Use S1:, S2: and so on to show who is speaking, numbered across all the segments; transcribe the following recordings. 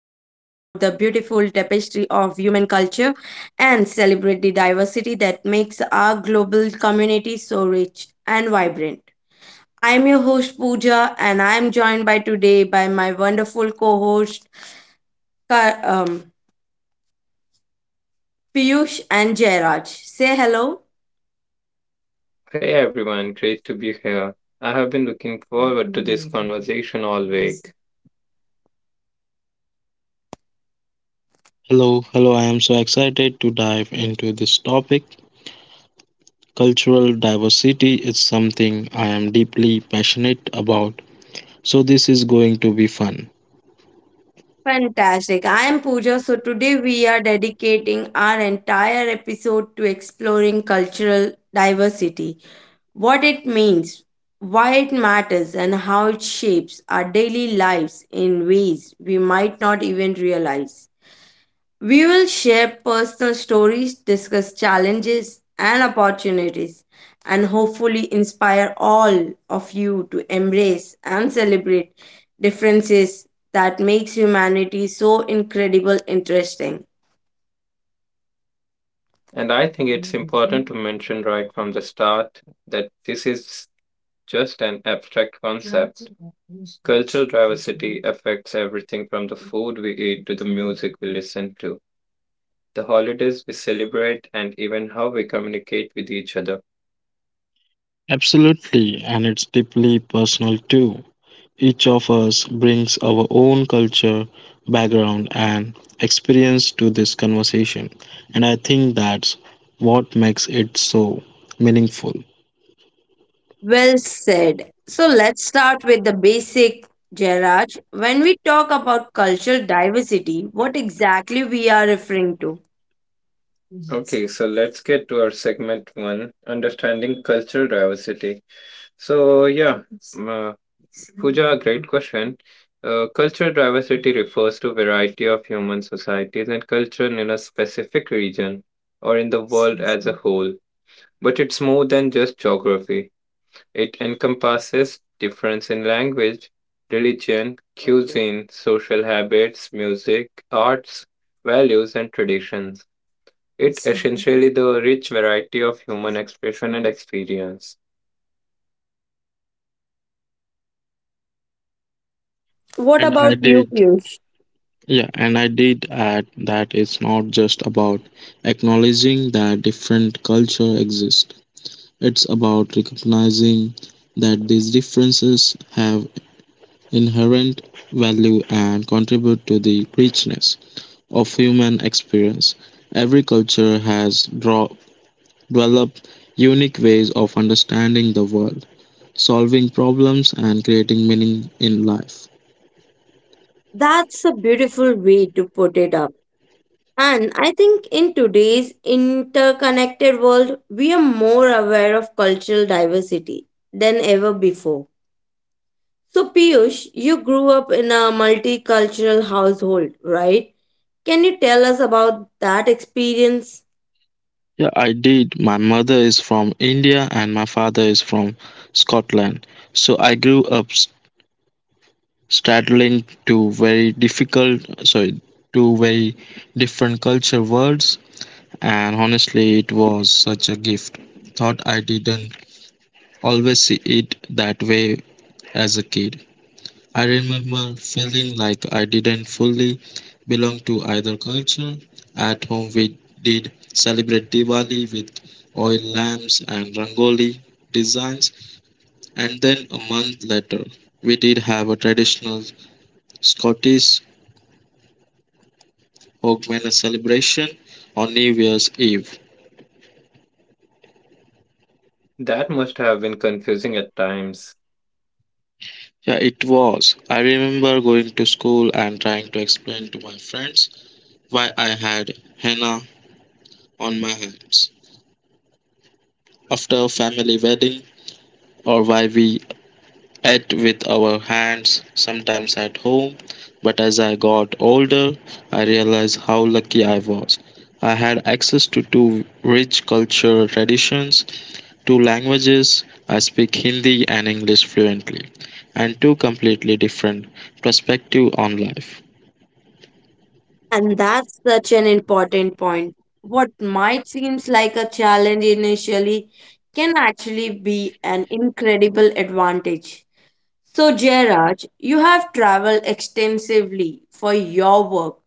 S1: tapestry of human culture and celebrate the diversity that makes our global community so rich and vibrant. I'm your host Pooja and I'm joined by today by my wonderful co-host Ka- um, Piyush and Jairaj. Say hello.
S2: Hey everyone, great to be here. I have been looking forward to this conversation all week,
S3: Hello, hello. I am so excited to dive into this topic. Cultural diversity is something I am deeply passionate about, so this is going to be fun.
S1: Fantastic. I am Pooja. So today we are dedicating our entire episode to exploring cultural diversity, what it means, why it matters, and how it shapes our daily lives in ways we might not even realize. We will share personal stories, discuss challenges and opportunities, and hopefully inspire all of you to embrace and celebrate differences that makes humanity so incredible interesting.
S2: and I think it's important to mention right from the start that this is just an abstract concept. Cultural diversity affects everything from the food we eat to the music we listen to, the holidays we celebrate, and even how we communicate with each other.
S3: Absolutely, and it's deeply personal too. Each of us brings our own culture, background, and experience to this conversation, and I think that's what makes it so meaningful.
S1: Well said. So let's start with the basic, Jairaj. When we talk about cultural diversity, what exactly we are referring to?
S2: Okay, so let's get to our segment one understanding cultural diversity. So yeah, m- uh, Pooja, great question. Cultural diversity refers to variety of human societies and culture in a specific region or in the world as a whole. But it's more than just geography. It encompasses difference in language, religion, cuisine, social habits, music, arts, values, and traditions. It's essentially the rich variety of human expression and experience.
S1: What
S3: And I
S1: about you,
S3: did
S1: Piyush?
S3: Yeah, and I did add that it's not just about acknowledging that different culture exist. It's about recognizing that these differences have inherent value and contribute to the richness of human experience. Every culture has developed unique ways of understanding the world, solving problems, and creating meaning in life.
S1: That's a beautiful way to put it up. And I think in today's interconnected world, we are more aware of cultural diversity than ever before. So, Piyush, you grew up in a multicultural household, right? Can you tell us about that experience?
S3: Yeah, I did. My mother is from India and my father is from Scotland. So I grew up straddling two very two very different culture worlds, and honestly, it was such a gift. Thought I didn't always see it that way as a kid. I remember feeling like I didn't fully belong to either culture. At home, we did celebrate Diwali with oil lamps and rangoli designs, and then a month later, we did have a traditional Scottish Hogmanay celebration on New Year's Eve.
S2: That must have been confusing at times.
S3: Yeah, it was. I remember going to school and trying to explain to my friends why I had henna on my hands after a family wedding or why we at with our hands, sometimes at home. But as I got older, I realized how lucky I was. I had access to two rich cultural traditions, two languages, I speak Hindi and English fluently, and two completely different perspectives on life.
S1: And that's such an important point. What might seem like a challenge initially can actually be an incredible advantage. So, Jairaj, you have traveled extensively for your work.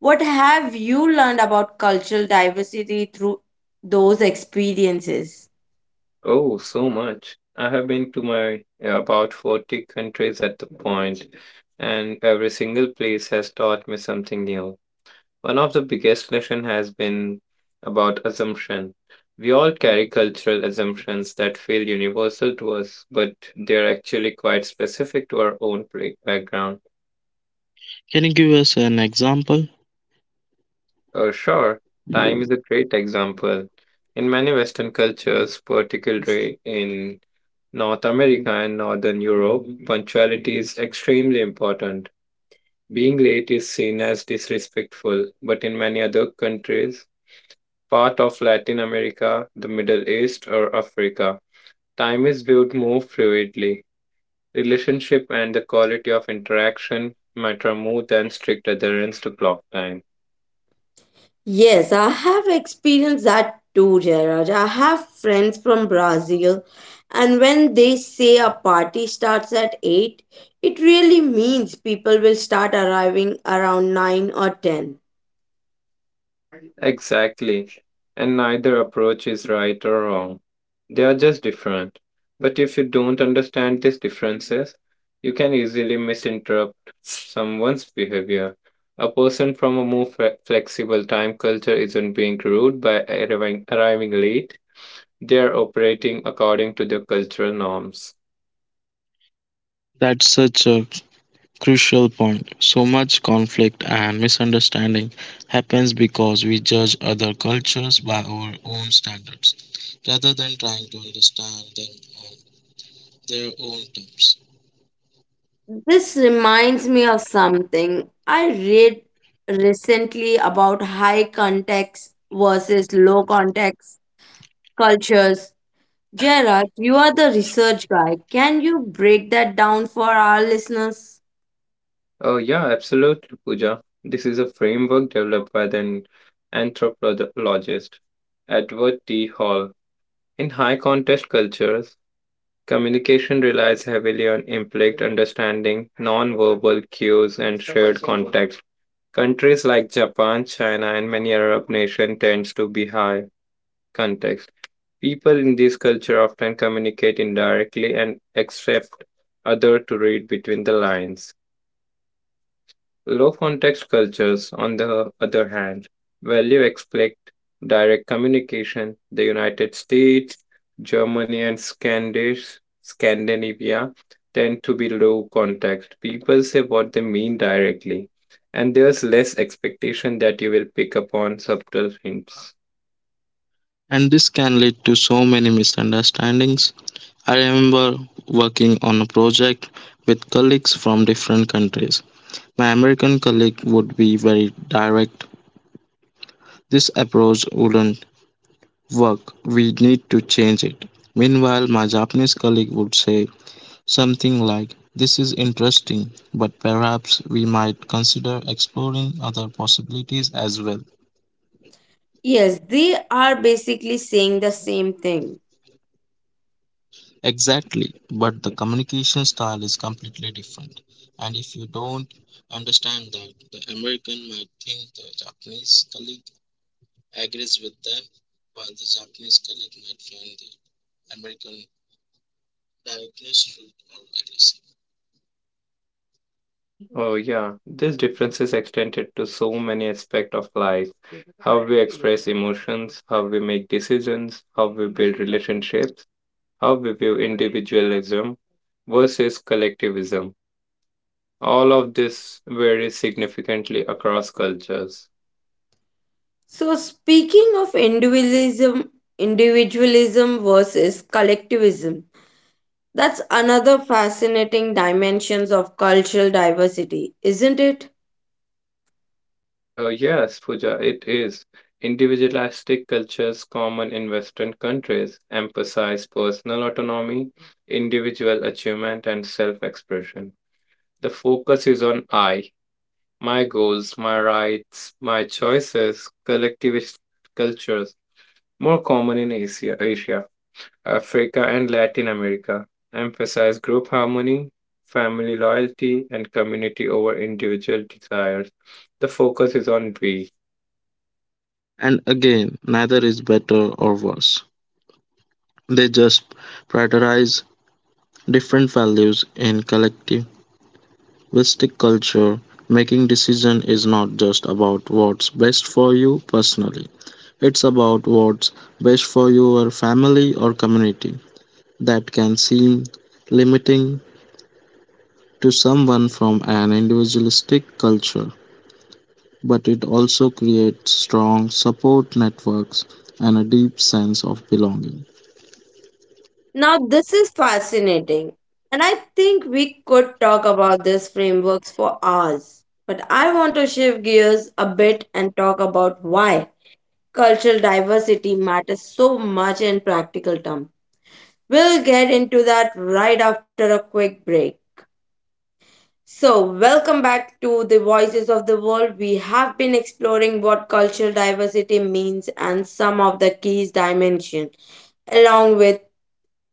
S1: What have you learned about cultural diversity through those experiences?
S2: Oh, so much. I have been to my yeah, about 40 countries at the point, and every single place has taught me something new. One of the biggest lessons has been about assumption. We all carry cultural assumptions that feel universal to us, but they're actually quite specific to our own background.
S3: Can you give us an example?
S2: Sure, time is a great example. In many Western cultures, particularly in North America and Northern Europe, punctuality is extremely important. Being late is seen as disrespectful, but in many other countries, part of Latin America, the Middle East, or Africa, time is viewed more fluidly. Relationship and the quality of interaction matter more than strict adherence to clock time.
S1: Yes, I have experienced that too, Jairaj. I have friends from Brazil, and when they say a party starts at 8:00, it really means people will start arriving around 9 or 10.
S2: Exactly. And neither approach is right or wrong. They are just different. But if you don't understand these differences, you can easily misinterpret someone's behavior. A person from a more flexible time culture isn't being rude by arriving late. They are operating according to their cultural norms.
S3: That's such a crucial point. So much conflict and misunderstanding happens because we judge other cultures by our own standards rather than trying to understand them on their own terms.
S1: This reminds me of something I read recently about high context versus low context cultures. Gerard, you are the research guy. Can you break that down for our listeners?
S2: Oh, yeah, absolutely, Pooja. This is a framework developed by the anthropologist, Edward T. Hall. In high contest cultures, communication relies heavily on implied understanding, non-verbal cues, and shared context. Countries like Japan, China, and many Arab nations tends to be high context. People in this culture often communicate indirectly and accept other to read between the lines. Low context cultures, on the other hand, value expect direct communication. The United States, Germany, and Scandinavia tend to be low context. People say what they mean directly, and there's less expectation that you will pick up on subtle hints.
S3: And this can lead to so many misunderstandings. I remember working on a project with colleagues from different countries. My American colleague would be very direct. This approach wouldn't work. We need to change it. Meanwhile, my Japanese colleague would say something like, "This is interesting, but perhaps we might consider exploring other possibilities as well."
S1: Yes, they are basically saying the same thing.
S3: Exactly, but the communication style is completely different. And if you don't understand that, the American might think the Japanese colleague agrees with them, while the Japanese colleague might find the American directness rude or aggressive.
S2: Oh, yeah, these differences extended to so many aspects of life how we express emotions, how we make decisions, how we build relationships how we view individualism versus collectivism. All of this varies significantly across cultures.
S1: So speaking of individualism, individualism versus collectivism, that's another fascinating dimensions of cultural diversity, isn't it?
S2: Yes, Pooja, it is. Individualistic cultures common in Western countries emphasize personal autonomy, individual achievement, and self expression. The focus is on I, my goals, my rights, my choices. Collectivist cultures, more common in Asia Africa and Latin America emphasize group harmony, family loyalty, and community over individual desires. The focus is on we,
S3: And again, neither is better or worse. They just prioritize different values in collectivistic culture, making decision is not just about what's best for you personally. It's about what's best for your family or community. That can seem limiting to someone from an individualistic culture, but it also creates strong support networks and a deep sense of belonging.
S1: Now, this is fascinating, and I think we could talk about these frameworks for hours. But I want to shift gears a bit and talk about why cultural diversity matters so much in practical terms. We'll get into that right after a quick break. So, welcome back to the Voices of the World. We have been exploring what cultural diversity means and some of the key dimensions along with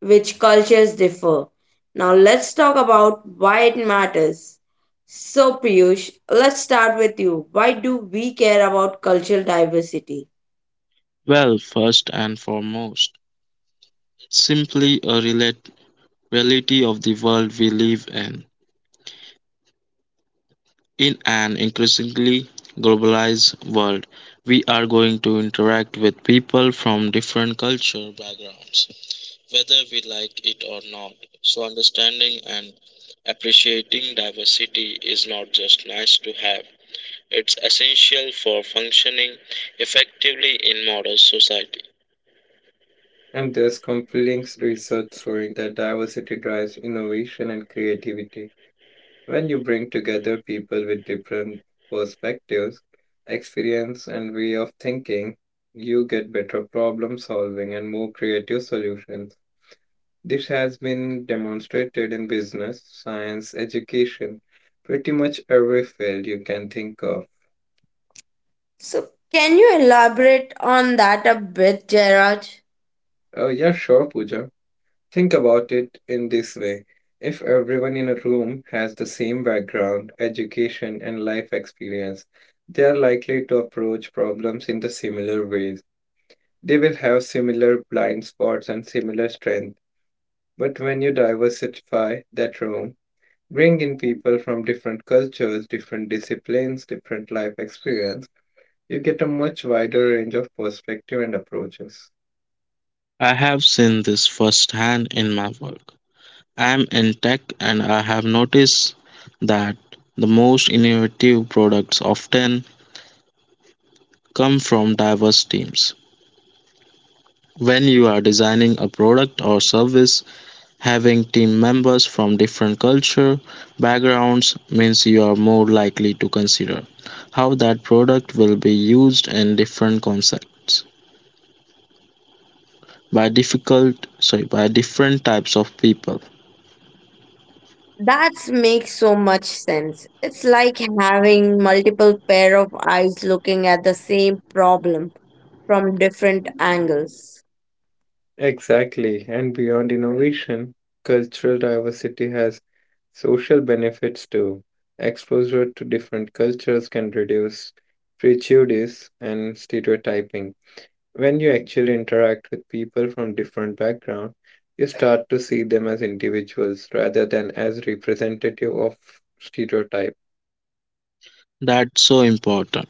S1: which cultures differ. Now, let's talk about why it matters. So, Piyush, let's start with you. Why do we care about cultural diversity?
S3: Well, first and foremost, simply a reality of the world we live in. In an increasingly globalized world, we are going to interact with people from different cultural backgrounds, whether we like it or not. So, understanding and appreciating diversity is not just nice to have, it's essential for functioning effectively in modern society.
S2: and there's compelling research showing that diversity drives innovation and creativity. When you bring together people with different perspectives, experience, and way of thinking, you get better problem solving and more creative solutions. This has been demonstrated in business, science, education, pretty much every field you can think of.
S1: So, can you elaborate on that a bit, Jairaj?
S2: Yeah, sure, Pooja. Think about it in this way. If everyone in a room has the same background, education, and life experience, they are likely to approach problems in the similar ways. They will have similar blind spots and similar strength. But when you diversify that room, bring in people from different cultures, different disciplines, different life experience. You get a much wider range of perspective and approaches.
S3: I have seen this firsthand in my work. I am in tech and I have noticed that the most innovative products often come from diverse teams. When you are designing a product or service, having team members from different culture backgrounds means you are more likely to consider how that product will be used in different contexts by difficult sorry by different types of people.
S1: That makes so much sense. It's like having multiple pair of eyes looking at the same problem from different angles.
S2: Exactly. And beyond innovation, cultural diversity has social benefits too. Exposure to different cultures can reduce prejudice and stereotyping. When you actually interact with people from different backgrounds, you start to see them as individuals rather than as representative of stereotype.
S3: That's so important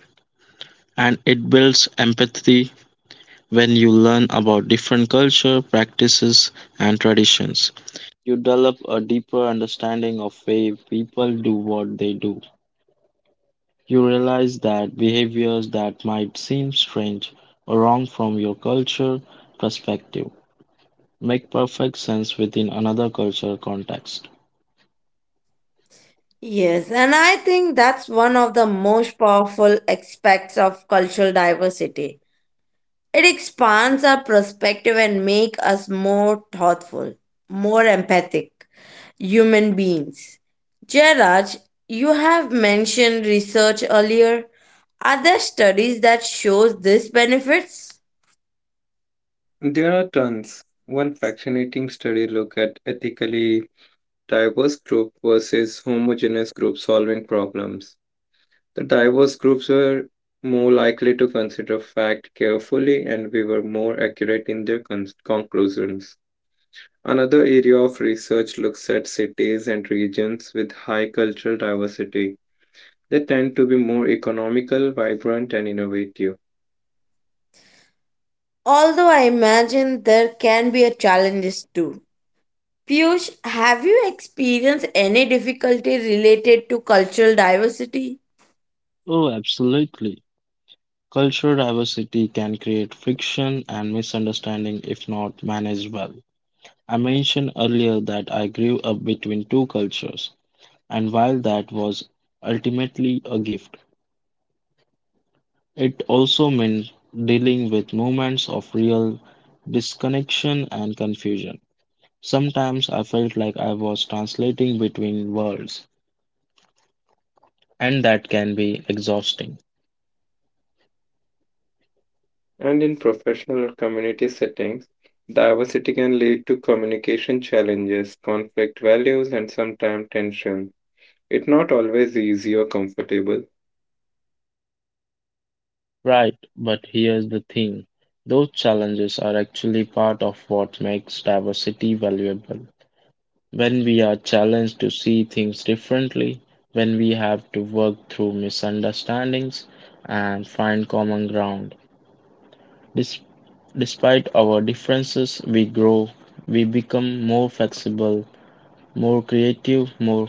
S3: and it builds empathy. When you learn about different culture, practices, and traditions, you develop a deeper understanding of why people do what they do. You realize that behaviors that might seem strange or wrong from your culture perspective make perfect sense within another cultural context.
S1: Yes, and I think that's one of the most powerful aspects of cultural diversity. It expands our perspective and makes us more thoughtful, more empathic human beings. Jairaj, you have mentioned research earlier. Are there studies that shows these benefits?
S2: There are tons. One fascinating study looked at ethically diverse group versus homogeneous group solving problems. The diverse groups were more likely to consider fact carefully and we were more accurate in their conclusions. Another area of research looks at cities and regions with high cultural diversity. They tend to be more economical, vibrant, and innovative.
S1: Although I imagine there can be a challenges too. Piyush, have you experienced any difficulty related to cultural diversity?
S3: Oh, absolutely. Cultural diversity can create friction and misunderstanding if not managed well. I mentioned earlier that I grew up between two cultures. And while that was ultimately a gift, it also meant dealing with moments of real disconnection and confusion. Sometimes I felt like I was translating between worlds, and that can be exhausting.
S2: And in professional or community settings, diversity can lead to communication challenges, conflict values, and sometimes tension. It's not always easy or comfortable.
S3: Right, but here's the thing. Those challenges are actually part of what makes diversity valuable. When we are challenged to see things differently, when we have to work through misunderstandings and find common ground. Dis- Despite our differences, we grow, we become more flexible, more creative, more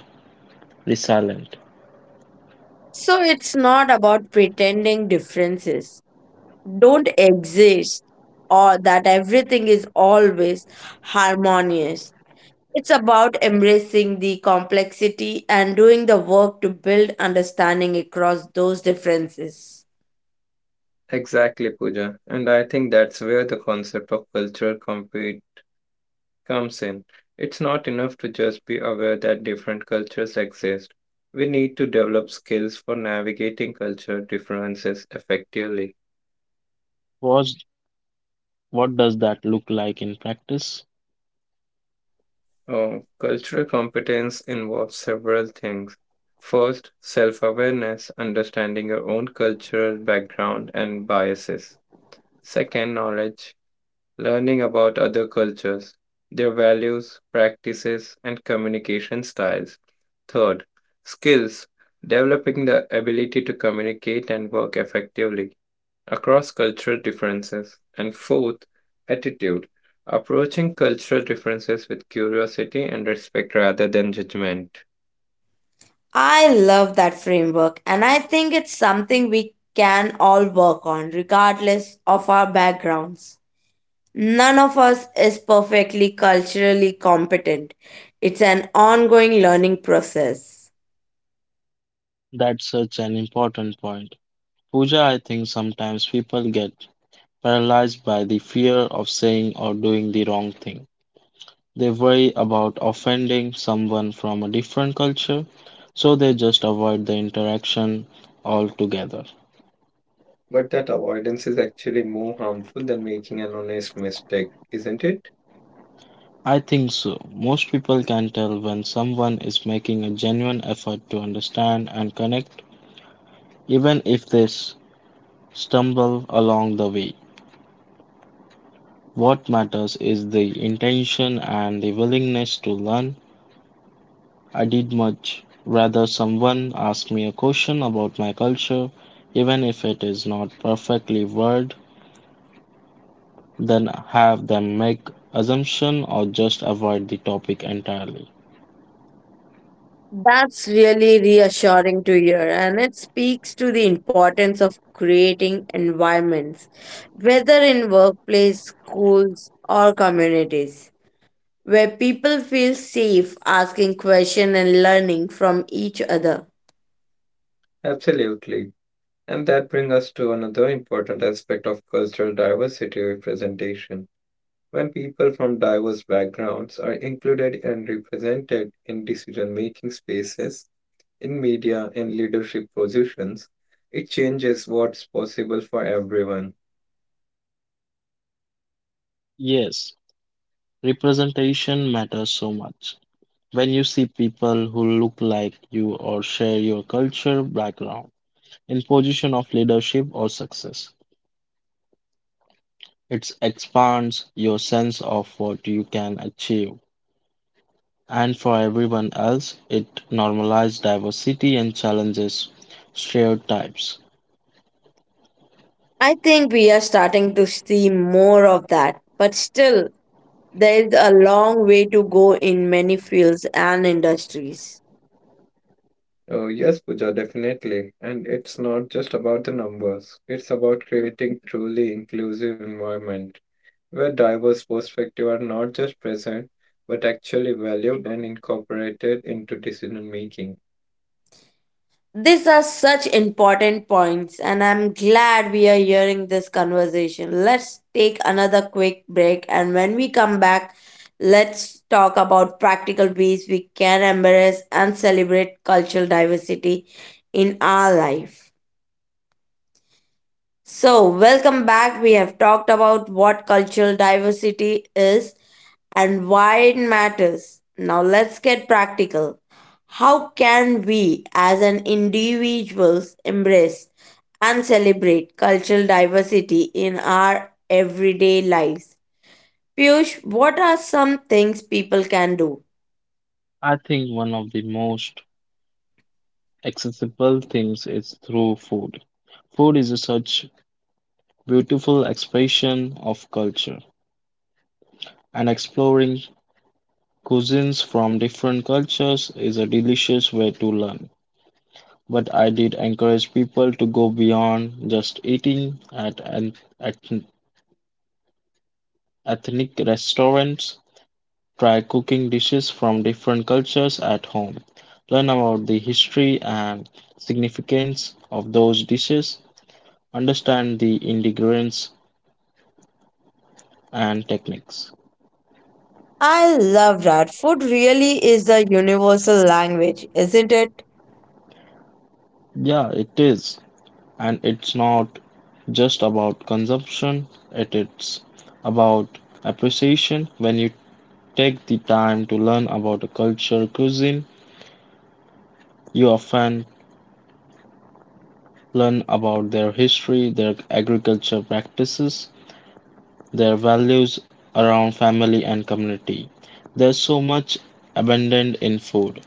S3: resilient.
S1: So it's not about pretending differences don't exist or that everything is always harmonious. It's about embracing the complexity and doing the work to build understanding across those differences.
S2: Exactly, Pooja. And I think that's where the concept of cultural compete comes in. It's not enough to just be aware that different cultures exist. We need to develop skills for navigating culture differences effectively.
S3: What's, what does that look like in practice?
S2: Oh, cultural competence involves several things. First, self awareness, understanding your own cultural background and biases. Second, knowledge, learning about other cultures, their values, practices, and communication styles. Third, skills, developing the ability to communicate and work effectively across cultural differences. And fourth, attitude approaching cultural differences with curiosity and respect rather than judgment.
S1: I love that framework and I think it's something we can all work on regardless of our backgrounds. None of us is perfectly culturally competent. It's an ongoing learning process.
S3: That's such an important point. Pooja, I think sometimes people get paralyzed by the fear of saying or doing the wrong thing. They worry about offending someone from a different culture, so they just avoid the interaction altogether.
S2: But that avoidance is actually more harmful than making an honest mistake, isn't it?
S3: I think so. Most people can tell when someone is making a genuine effort to understand and connect, even if they stumble along the way. What matters is the intention and the willingness to learn. I did much rather someone ask me a question about my culture, even if it is not perfectly worded, then have them make assumption or just avoid the topic entirely.
S1: That's really reassuring to hear, and it speaks to the importance of creating environments, whether in workplace, schools, or communities, where people feel safe asking questions and learning from each other.
S2: Absolutely. And that brings us to another important aspect of cultural diversity representation. When people from diverse backgrounds are included and represented in decision making spaces, in media and leadership positions, it changes what's possible for everyone.
S3: Yes, representation matters so much. When you see people who look like you or share your culture background in position of leadership or success, it expands your sense of what you can achieve. And for everyone else, it normalizes diversity and challenges stereotypes.
S1: I think we are starting to see more of that, but still, there is a long way to go in many fields and industries.
S2: Oh, yes, Pooja, definitely. And it's not just about the numbers, it's about creating truly inclusive environment where diverse perspectives are not just present but actually valued and incorporated into decision making.
S1: These are such important points, and I'm glad we are hearing this conversation. Let's take another quick break, and when we come back, let's talk about practical ways we can embrace and celebrate cultural diversity in our life. So, welcome back. We have talked about what cultural diversity is and why it matters. Now let's get practical. How can we as an individuals embrace and celebrate cultural diversity in our everyday lives? Piyush, what are some things people can do?
S3: I think one of the most accessible things is through food. Food is a such beautiful expression of culture, and exploring cuisines from different cultures is a delicious way to learn. But I did encourage people to go beyond just eating at an at ethnic restaurants. Try cooking dishes from different cultures at home. Learn about the history and significance of those dishes. Understand the ingredients and techniques.
S1: I love that. Food really is a universal language, isn't it?
S3: Yeah, it is. And it's not just about consumption, it is about appreciation. When you take the time to learn about a culture cuisine, you often learn about their history, their agriculture practices, their values around family and community. There's so much abundant in food,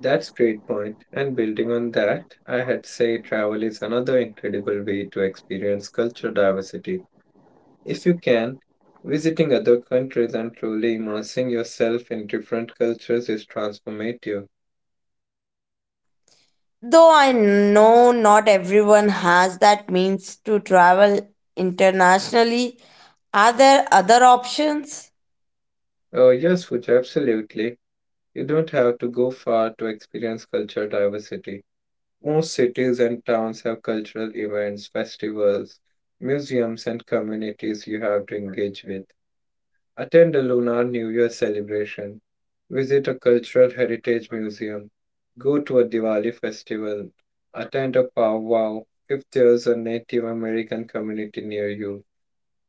S2: That's great point. And building on that, I had say travel is another incredible way to experience cultural diversity if you can, visiting other countries and truly immersing yourself in different cultures is transformative.
S1: Though I know not everyone has that means to travel internationally, are there other options?
S2: Oh, yes, Pooja, absolutely. You don't have to go far to experience cultural diversity. Most cities and towns have cultural events, festivals, museums, and communities you have to engage with. Attend a Lunar New Year celebration. Visit a cultural heritage museum. Go to a Diwali festival. Attend a powwow if there's a Native American community near you.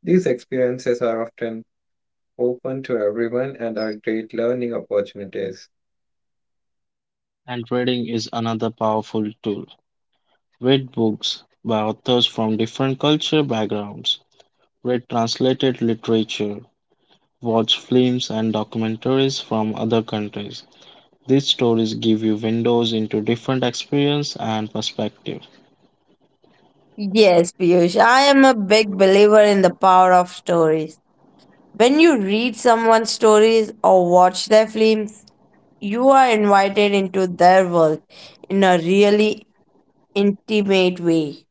S2: These experiences are often open to everyone and are great learning opportunities.
S3: and reading is another powerful tool. Read books by authors from different cultural backgrounds, read translated literature, watch films and documentaries from other countries. These stories give you windows into different experience and perspective.
S1: Yes, Piyush, I am a big believer in the power of stories. When you read someone's stories or watch their films, you are invited into their world in a really intimate way.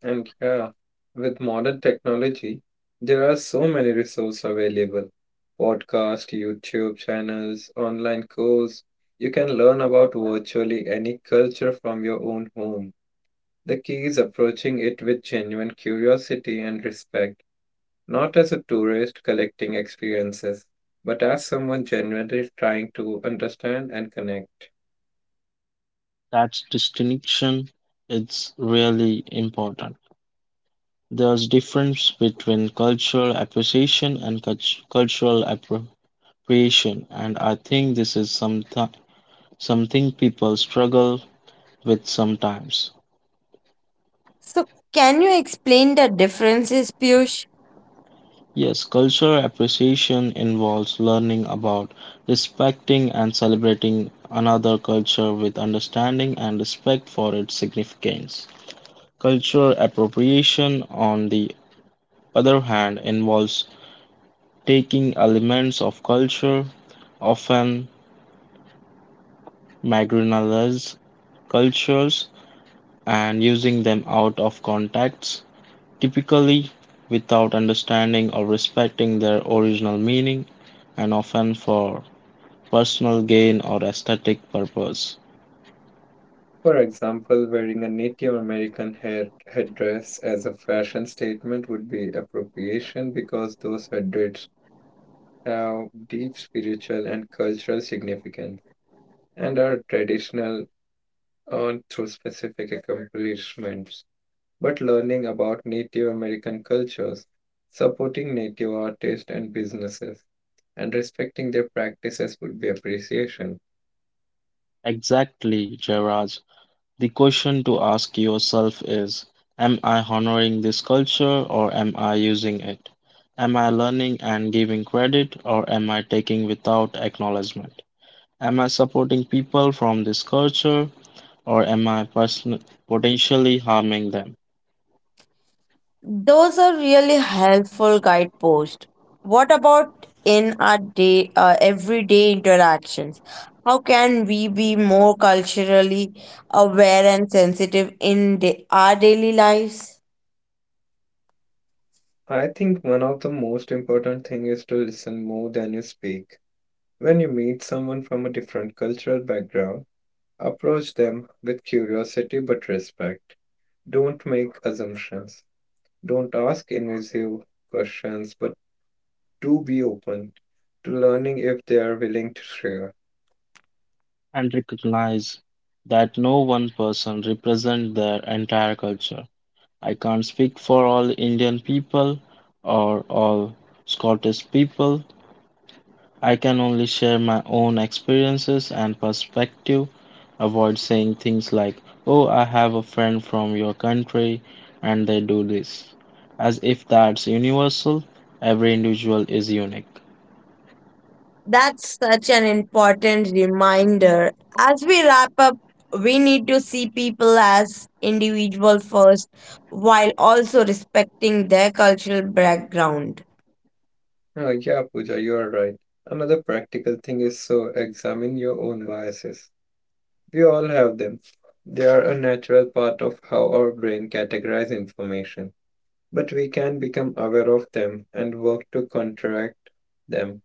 S2: And yeah, with modern technology, there are so many resources available. Podcast, YouTube channels, online course. You can learn about virtually any culture from your own home. The key is approaching it with genuine curiosity and respect, not as a tourist collecting experiences, but as someone genuinely trying to understand and connect.
S3: That distinction is really important. There's difference between cultural appreciation and cultural appropriation, and I think this is something people struggle with sometimes.
S1: So, can you explain the differences, Piyush?
S3: Yes, cultural appreciation involves learning about, respecting and celebrating another culture with understanding and respect for its significance. Cultural appropriation, on the other hand, involves taking elements of culture, often marginalized cultures, and using them out of context, typically without understanding or respecting their original meaning and often for personal gain or aesthetic purpose.
S2: For example, wearing a Native American head headdress as a fashion statement would be appropriation because those headdresses have deep spiritual and cultural significance and are traditional on through specific accomplishments. But learning about Native American cultures, supporting Native artists and businesses, and respecting their practices would be appreciation.
S3: Exactly, Jairaj. The question to ask yourself is, am I honoring this culture or am I using it? Am I learning and giving credit or am I taking without acknowledgement? Am I supporting people from this culture or am I potentially harming them?
S1: Those are really helpful guideposts. What about in our day, everyday interactions? How can we be more culturally aware and sensitive in our daily lives?
S2: I think one of the most important thing is to listen more than you speak when you meet someone from a different cultural background, approach them with curiosity but respect. Don't make assumptions. Don't ask invasive questions, but do be open to learning if they are willing to share.
S3: And recognize that no one person represents their entire culture. I can't speak for all Indian people or all Scottish people. I can only share my own experiences and perspective. Avoid saying things like, "Oh, I have a friend from your country and they do this," as if that's universal. Every individual is unique.
S1: That's such an important reminder. As we wrap up, we need to see people as individual first while also respecting their cultural background.
S2: Yeah, Pooja, you are right. Another practical thing is so examine your own biases. We all have them. They are a natural part of how our brain categorizes information, but we can become aware of them and work to contract them.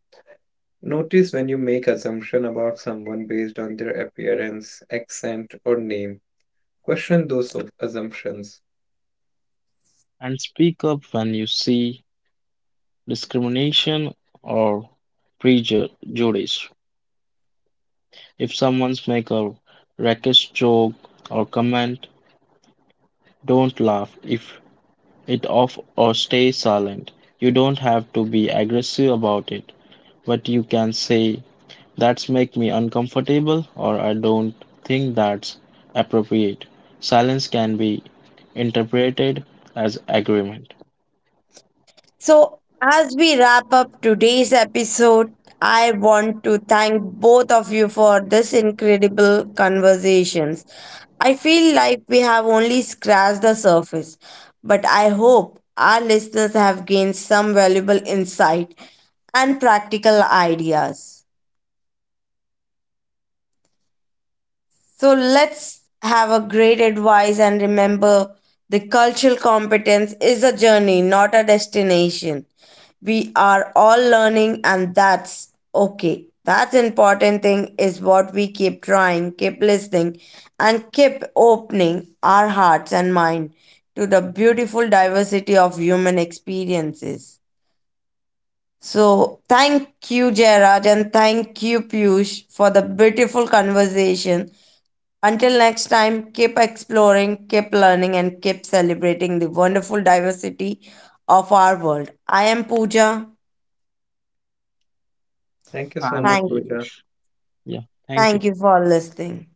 S2: Notice when you make assumption about someone based on their appearance, accent, or name. Question those assumptions.
S3: And speak up when you see discrimination or prejudice. If someone's make a racist joke or comment, don't laugh if it off or stay silent. You don't have to be aggressive about it, but you can say, "That's make me uncomfortable," or, "I don't think that's appropriate." Silence can be interpreted as agreement.
S1: So, as we wrap up today's episode, I want to thank both of you for this incredible conversations. I feel like we have only scratched the surface, but I hope our listeners have gained some valuable insight and practical ideas. So let's have a great advice and remember the cultural competence is a journey, not a destination. We are all learning and that's okay. That's important thing is what we keep trying, keep listening and keep opening our hearts and mind to the beautiful diversity of human experiences. So thank you, Jairaj, and thank you, Piyush, for the beautiful conversation until next time, keep exploring, keep learning, and keep celebrating the wonderful diversity of our world. I am Pooja.
S2: Thank you so
S3: I'm
S2: much,
S1: Thank,
S2: Pooja.
S3: Piyush. Yeah, thank you.
S1: thank you for listening.